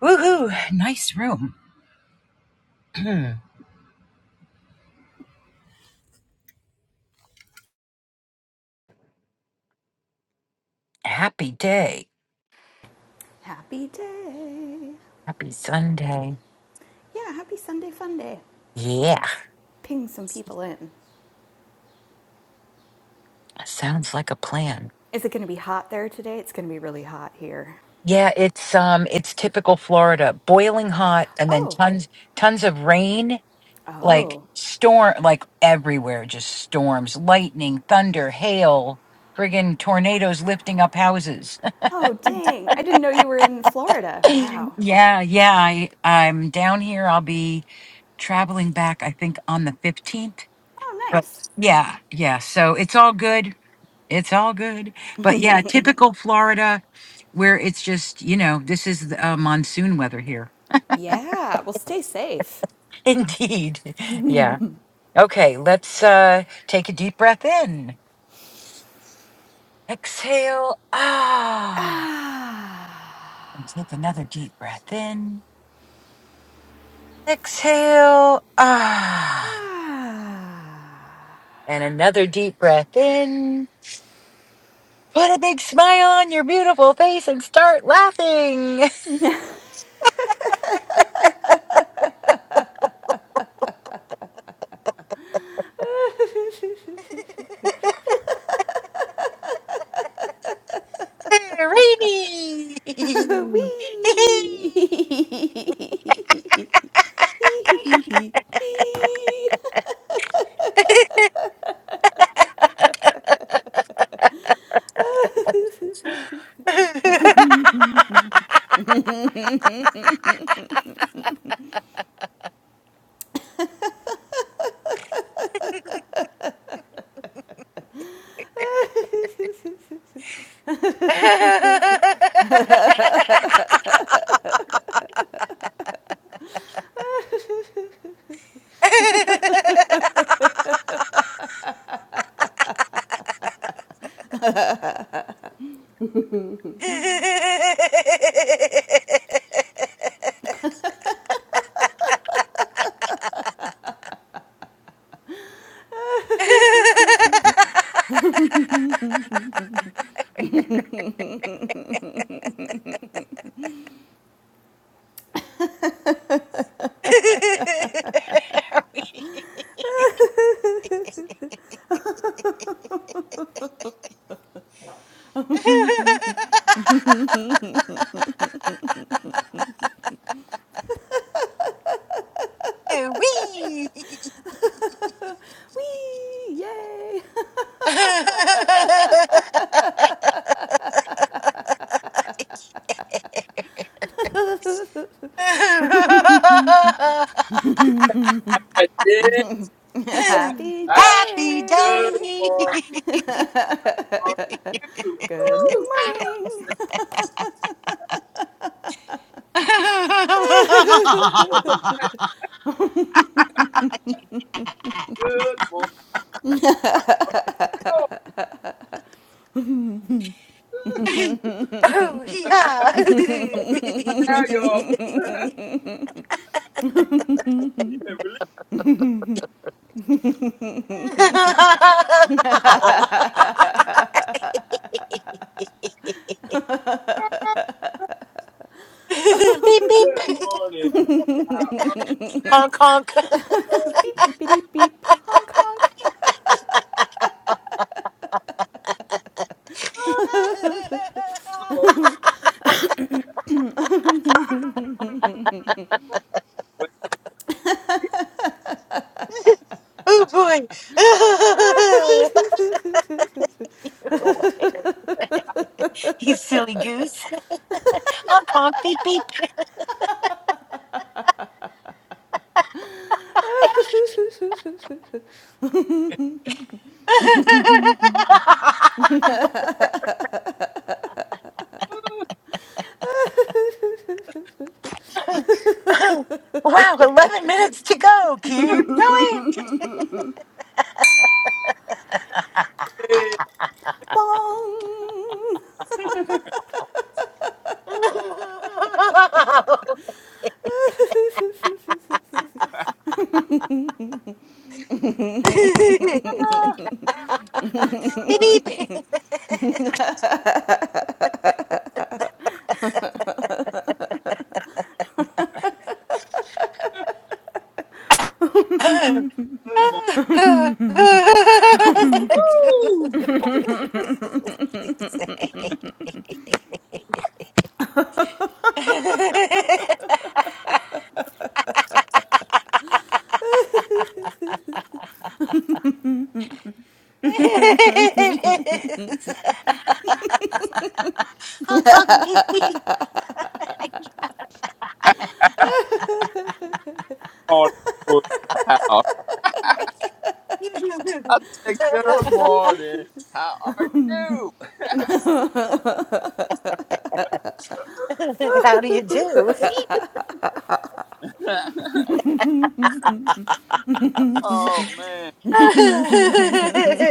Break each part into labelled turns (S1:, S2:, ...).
S1: Woohoo! Nice room. Happy day.
S2: Happy day.
S1: Happy Sunday.
S2: Yeah, happy Sunday fun day.
S1: Yeah,
S2: Ping some people in.
S1: sounds like a plan.
S2: Is it going to be hot there today? It's going to be really hot here.
S1: Yeah, it's um it's typical Florida. Boiling hot and then
S2: Oh,
S1: tons tons of rain, like
S2: oh,
S1: storm like everywhere, just storms, lightning, thunder, hail, friggin' tornadoes lifting up houses.
S2: oh, dang. I didn't know you were in Florida. Wow.
S1: yeah, yeah, I I'm down here. I'll be traveling back I think on the 15th.
S2: Oh,
S1: But
S2: nice.
S1: yeah, yeah, so it's all good It's all good. But yeah, typical Florida where it's just, you know, this is the, uh, monsoon weather here.
S2: Yeah, well, stay safe.
S1: Indeed. Yeah. Okay, let's uh take a deep breath in. Exhale. Ah.
S2: Ah.
S1: Let's take another deep breath in. Exhale. Ah.
S2: Ah.
S1: And another deep breath in. Put a big smile on your beautiful face and start laughing. Rainy.
S2: Wee.
S1: Wee.
S2: Wee. Yay.
S3: I did.
S2: Happy
S3: I
S1: Happy
S3: good
S2: day.
S1: day.
S3: for you.
S2: Good
S3: Woo!
S2: morning.
S3: What's a Good for you.
S1: oh, yeah.
S3: Now y'all feeling relief. Oh,
S1: beep, beep.
S3: Good morning. How are you?
S1: Honk, honk.
S2: Beep, beep, beep, beep. Honk, honk.
S3: Oh, Wait,
S1: Oh boy.
S3: come on.
S1: you silly goose. Honk honk beep beep. wow, 11 minutes to go. Keep going.
S3: Hey.
S2: Bong.
S3: Ah,
S1: beep beep.
S3: Good morning. Woo!
S1: It is. Hong Kong baby.
S3: All that noise in the house. I said, good morning. How are you?
S1: How do you?
S3: oh man.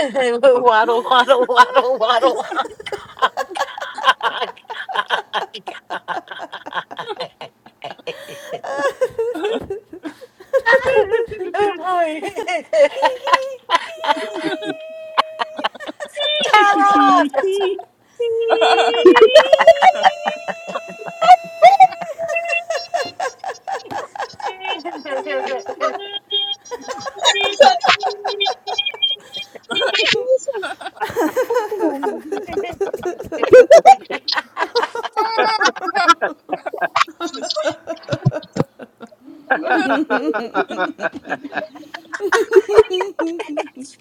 S1: waddle, waddle, waddle, waddle. oh boy.
S2: Hee, hee, hee.
S1: Tara!
S4: Thank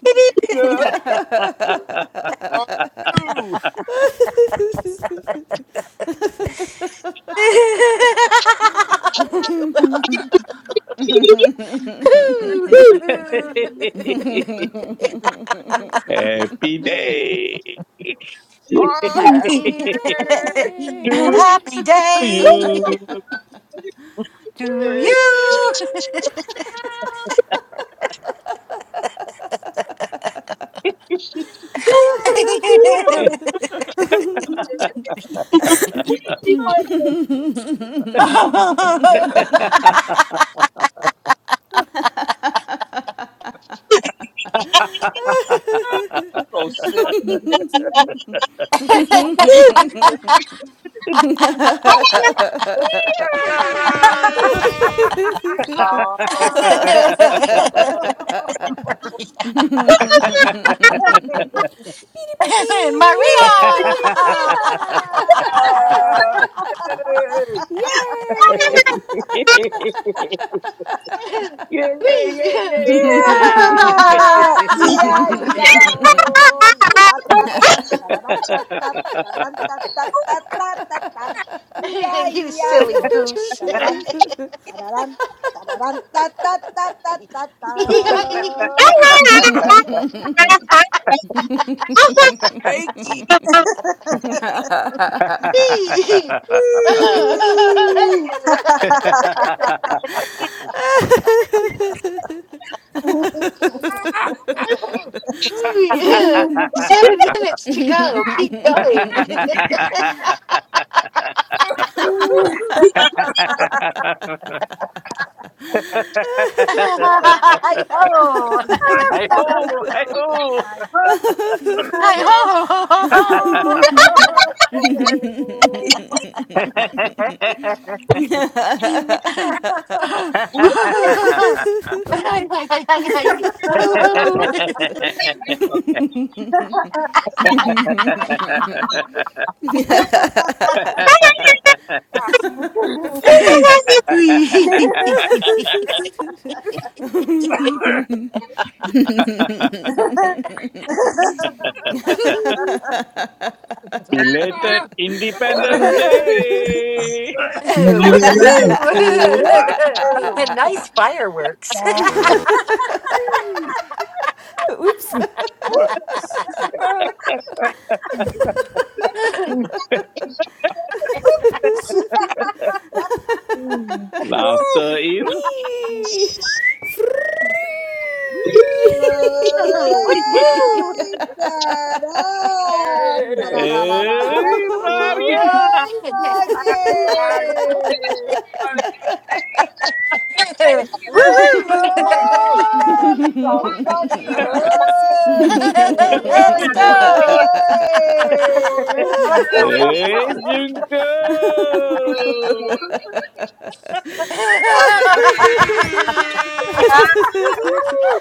S1: Beep, beep.
S3: Good on you.
S1: You
S3: Grace.
S1: will.
S5: Happy day
S3: Oh, happy
S2: Happy
S5: to
S2: day
S1: Happy day
S5: you.
S2: to
S1: to
S3: day.
S1: you.
S2: you.
S5: yeah,
S3: I'm so sick.
S6: Ah.
S3: Oh,
S2: Beep, beep, beep.
S1: Maria.
S6: yeah, haw
S3: God.
S2: Yay.
S1: Me.
S3: Hey.
S5: yeah, yeah,
S6: Yeah, yeah,
S5: yeah,
S6: yeah, oh, la la la ta ta, la la la ta ta, la la la ta ta ta ta ta ta, yeah,
S1: you
S6: yeah,
S1: silly
S6: yo,
S1: goose.
S6: da da dum, da da dum, da da dum, ta ta ta ta ta ta.
S3: Wake, bakey.
S6: Whee!
S1: Ooh, yeah. Seven minutes to go. Keep going.
S5: yeah.
S1: Hi-ho.
S5: I ho, I ho.
S6: Hi ho, hi ho,
S1: Hi-ho.
S4: you.
S5: Belated Independence Day.
S4: Mugi balai.
S1: Woo-woo. and nice fireworks.
S6: Oops.
S5: Laughter is.
S2: Wee. Free.
S1: woo
S6: Oi, tará,
S3: Hey.
S5: hey,
S6: tarararara.
S5: Maria!
S6: Oi,
S3: I hope
S6: Maggie.
S3: it's funny.
S1: Woo,
S6: Oi,
S1: woo.
S3: Woo!
S6: Ron, Ron,
S3: Oh.
S6: Ron, Ron. Oi,
S1: That's
S6: oi,
S1: all.
S3: Ooh, let it
S6: oi.
S5: hey,
S3: out.
S5: Junko!
S6: Woozy!
S3: Woo-hoo!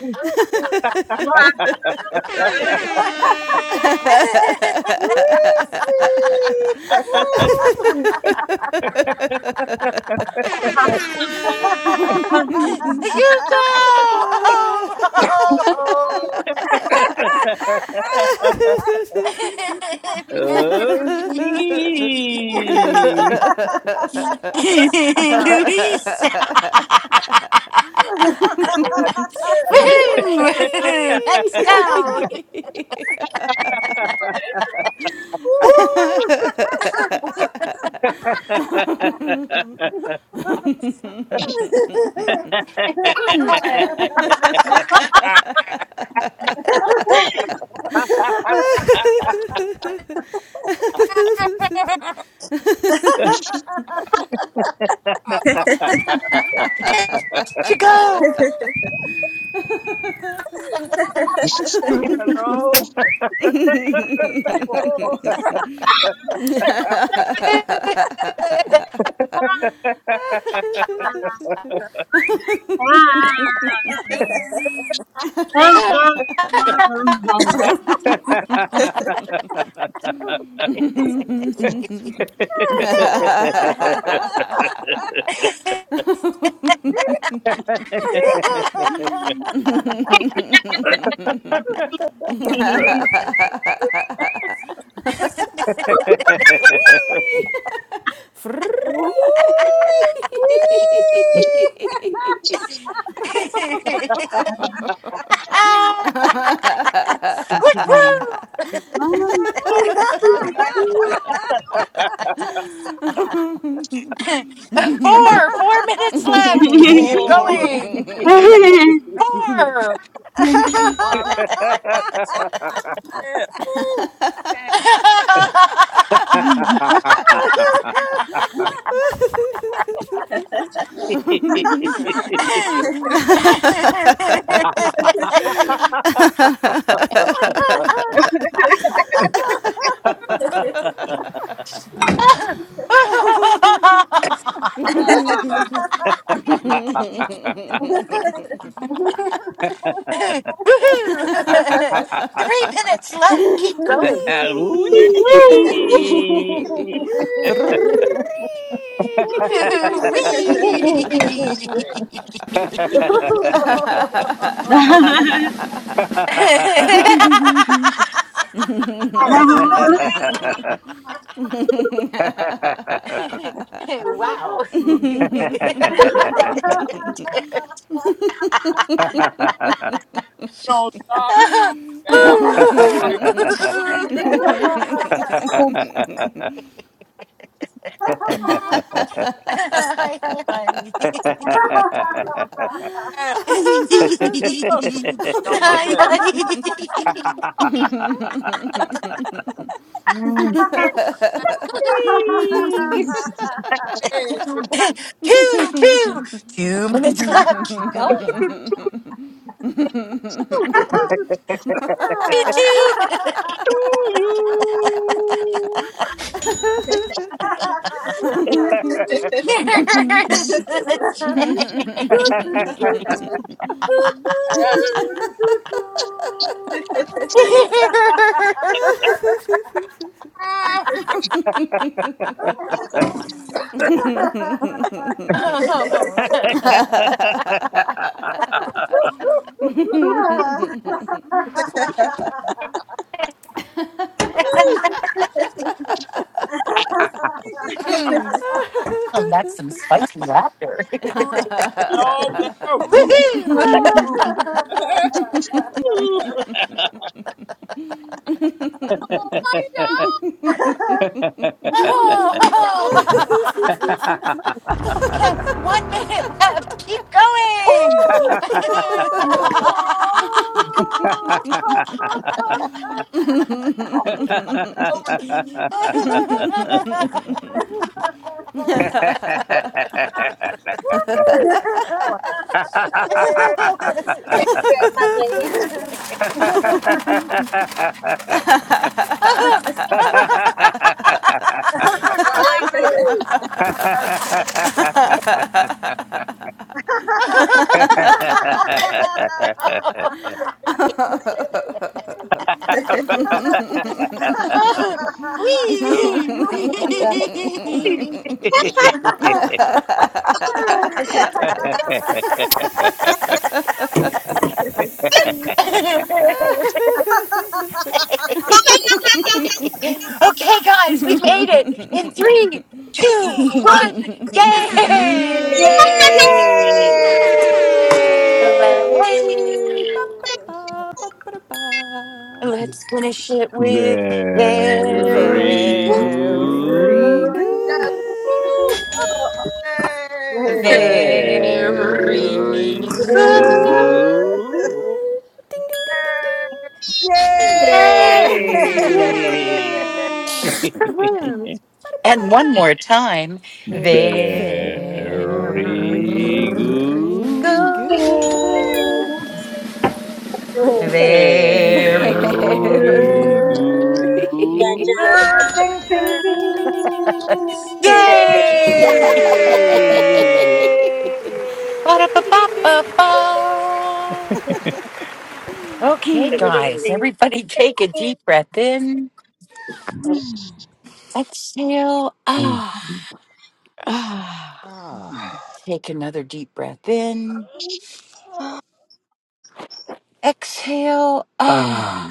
S4: Ah,
S3: Woo!
S5: okay.
S1: you go. Memory.
S3: Ah,
S1: Louisa.
S3: yeah.
S1: Woo! Let's go.
S2: Free.
S3: Woo!
S1: Yeah.
S3: Ah.
S1: To
S7: I'm ready, I'm
S1: go.
S7: ready,
S3: Hello? Oh.
S5: Ha
S2: Wee. Free.
S6: Woozy!
S1: Ah! Woo!
S4: Nchi zangu.
S1: woo. Four, four minutes left. Keep
S3: Four.
S1: going. Four.
S3: Why me up there? Woo! Chance. Ah,
S1: Three minutes left. Keep
S5: Yes.
S1: going.
S2: Wee.
S3: big wee.
S2: Free.
S1: Wee. wow.
S3: Don't stop, man. Like, ah, man.
S1: two,
S3: Oh, that was my dad.
S1: two, two minutes left. Keep going. Here's
S5: to
S1: the check.
S3: Ah,
S5: you.
S3: woo.
S1: oh, that's some spicy laughter.
S3: Woo, dogs out. Woo,
S1: Woohoo!
S3: woo. Come on, fight dog.
S1: Oh, yes, one minute left. Keep going.
S3: Over,
S6: Oh
S3: over. Woo. Oh,
S1: okay,
S3: hey. Woo. Yes, yes. yes.
S8: Thank you.
S1: guys, we made it in three, two, one,
S6: no!
S1: yay!
S5: Yay!
S2: Yay. Ba-ba-da-ba, ba-ba-da-ba.
S1: Let's finish it with very
S5: Very
S1: good.
S7: I'm
S3: Woo,
S7: ready
S2: Very
S7: to
S2: good.
S5: good.
S3: yes. Woo.
S2: Ding.
S3: Hey.
S1: Very
S5: Very
S2: Very
S3: Woo,
S1: good.
S6: Yay!
S5: good.
S2: good. Ding, ding, ding, ding,
S3: hey.
S1: Yes.
S7: run.
S2: ding. Yay!
S5: Hey!
S7: I'm
S1: Woohoo. And
S2: ba
S1: one more time. Very
S5: Very
S7: ready
S6: Yay!
S2: Very
S5: good.
S1: good.
S3: Hey.
S2: good. Ding.
S6: Ding,
S5: Very
S1: Very
S5: good.
S2: Very
S4: Gotcha.
S2: good.
S1: good.
S7: to
S6: ding, ding. Yay!
S7: run.
S1: Yay!
S2: Ding, ding, ding, ding, ding, ding.
S1: Ba-da-ba-ba-ba-ba. Okay, guys, everybody take a deep breath in. Exhale. Ah.
S7: Ah,
S3: Ah.
S1: Take another deep breath in. Exhale. Ah.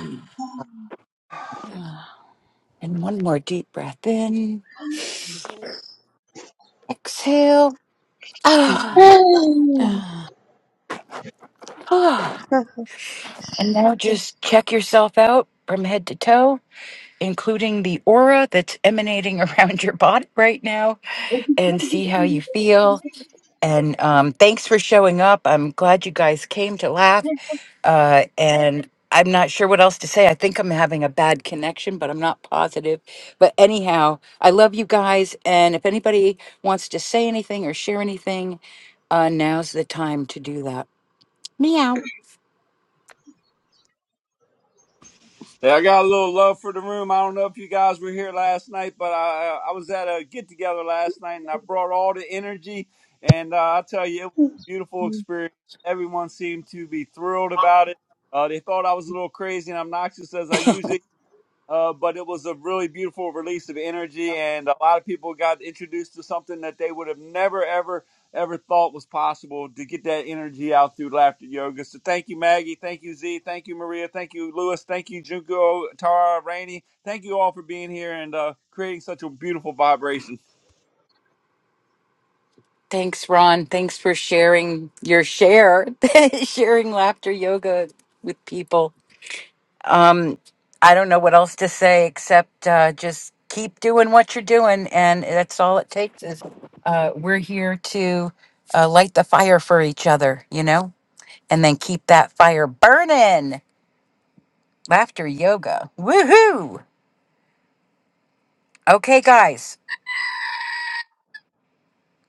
S1: And one more deep breath in. Exhale.
S5: Um,
S1: Ah.
S7: ah,
S1: Ah. And now just check yourself out from head to toe, including the aura that's emanating around your body right now, and see how you feel. And um, thanks for showing up. I'm glad you guys came to laugh. uh, and I'm not sure what else to say. I think I'm having a bad connection, but I'm not positive. But anyhow, I love you guys, and if anybody wants to say anything or share anything, uh, now's the time to do that. Meow.
S3: Hey, I got a little love for the room. I don't know if you guys were here last night, but I I was at a get together last night, and I brought all the energy. And uh, I tell you, it was a beautiful experience. Everyone seemed to be thrilled about it. Uh, they thought I was a little crazy and obnoxious as I usually uh, but it was a really beautiful release of energy, and a lot of people got introduced to something that they would have never, ever, ever thought was possible to get that energy out through laughter yoga. So thank you, Maggie. Thank you, Z. Thank you, Maria. Thank you, Lewis. Thank you, Junko, Tara, Rainey. Thank you all for being here and uh, creating such a beautiful vibration.
S1: Thanks, Ron. Thanks for sharing your share, sharing laughter yoga with people. Um, I don't know what else to say except uh, just keep doing what you're doing, and that's all it takes. Is uh, we're here to uh, light the fire for each other, you know, and then keep that fire burning. Laughter yoga, woohoo! Okay, guys.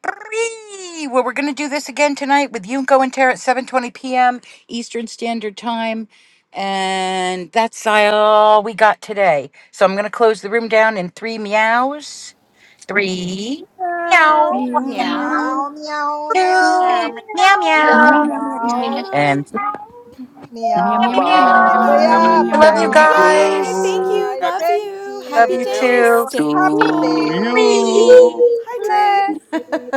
S1: Brrree! Well, we're gonna do this again tonight with Yunko and Tara at 7:20 p.m. Eastern Standard Time, and that's all we got today. So I'm gonna close the room down in three meows. three, meow,
S7: meow.
S2: Meow.
S6: Meow, meow, meow.
S3: Yeah,
S1: two,
S3: man.
S1: meow,
S7: Meow, meow,
S6: Meow,
S7: meow,
S1: meow,
S7: meow,
S2: Meow
S7: meow,
S6: meow.
S2: meow.
S1: and meow,
S2: Meow
S7: meow,
S1: meow,
S7: meow,
S2: meow
S6: Meow.
S2: meow
S7: meow,
S1: meow.
S7: meow,
S6: Bye,
S5: bye.
S7: meow,
S1: I
S7: meow,
S1: love you
S7: meow.
S2: meow.
S5: Thank
S2: Meow bye.
S1: guys.
S2: Thank
S5: you.
S2: you.
S6: bye.
S3: Happy,
S2: Love
S6: Thank
S2: you.
S1: Love
S2: Happy
S1: you
S3: happy.
S2: days.
S1: too.
S6: you.
S2: Stay
S6: Happy
S5: to
S2: cool.
S6: day.
S5: you.
S1: Three.
S2: Hydrate.
S6: Blessings.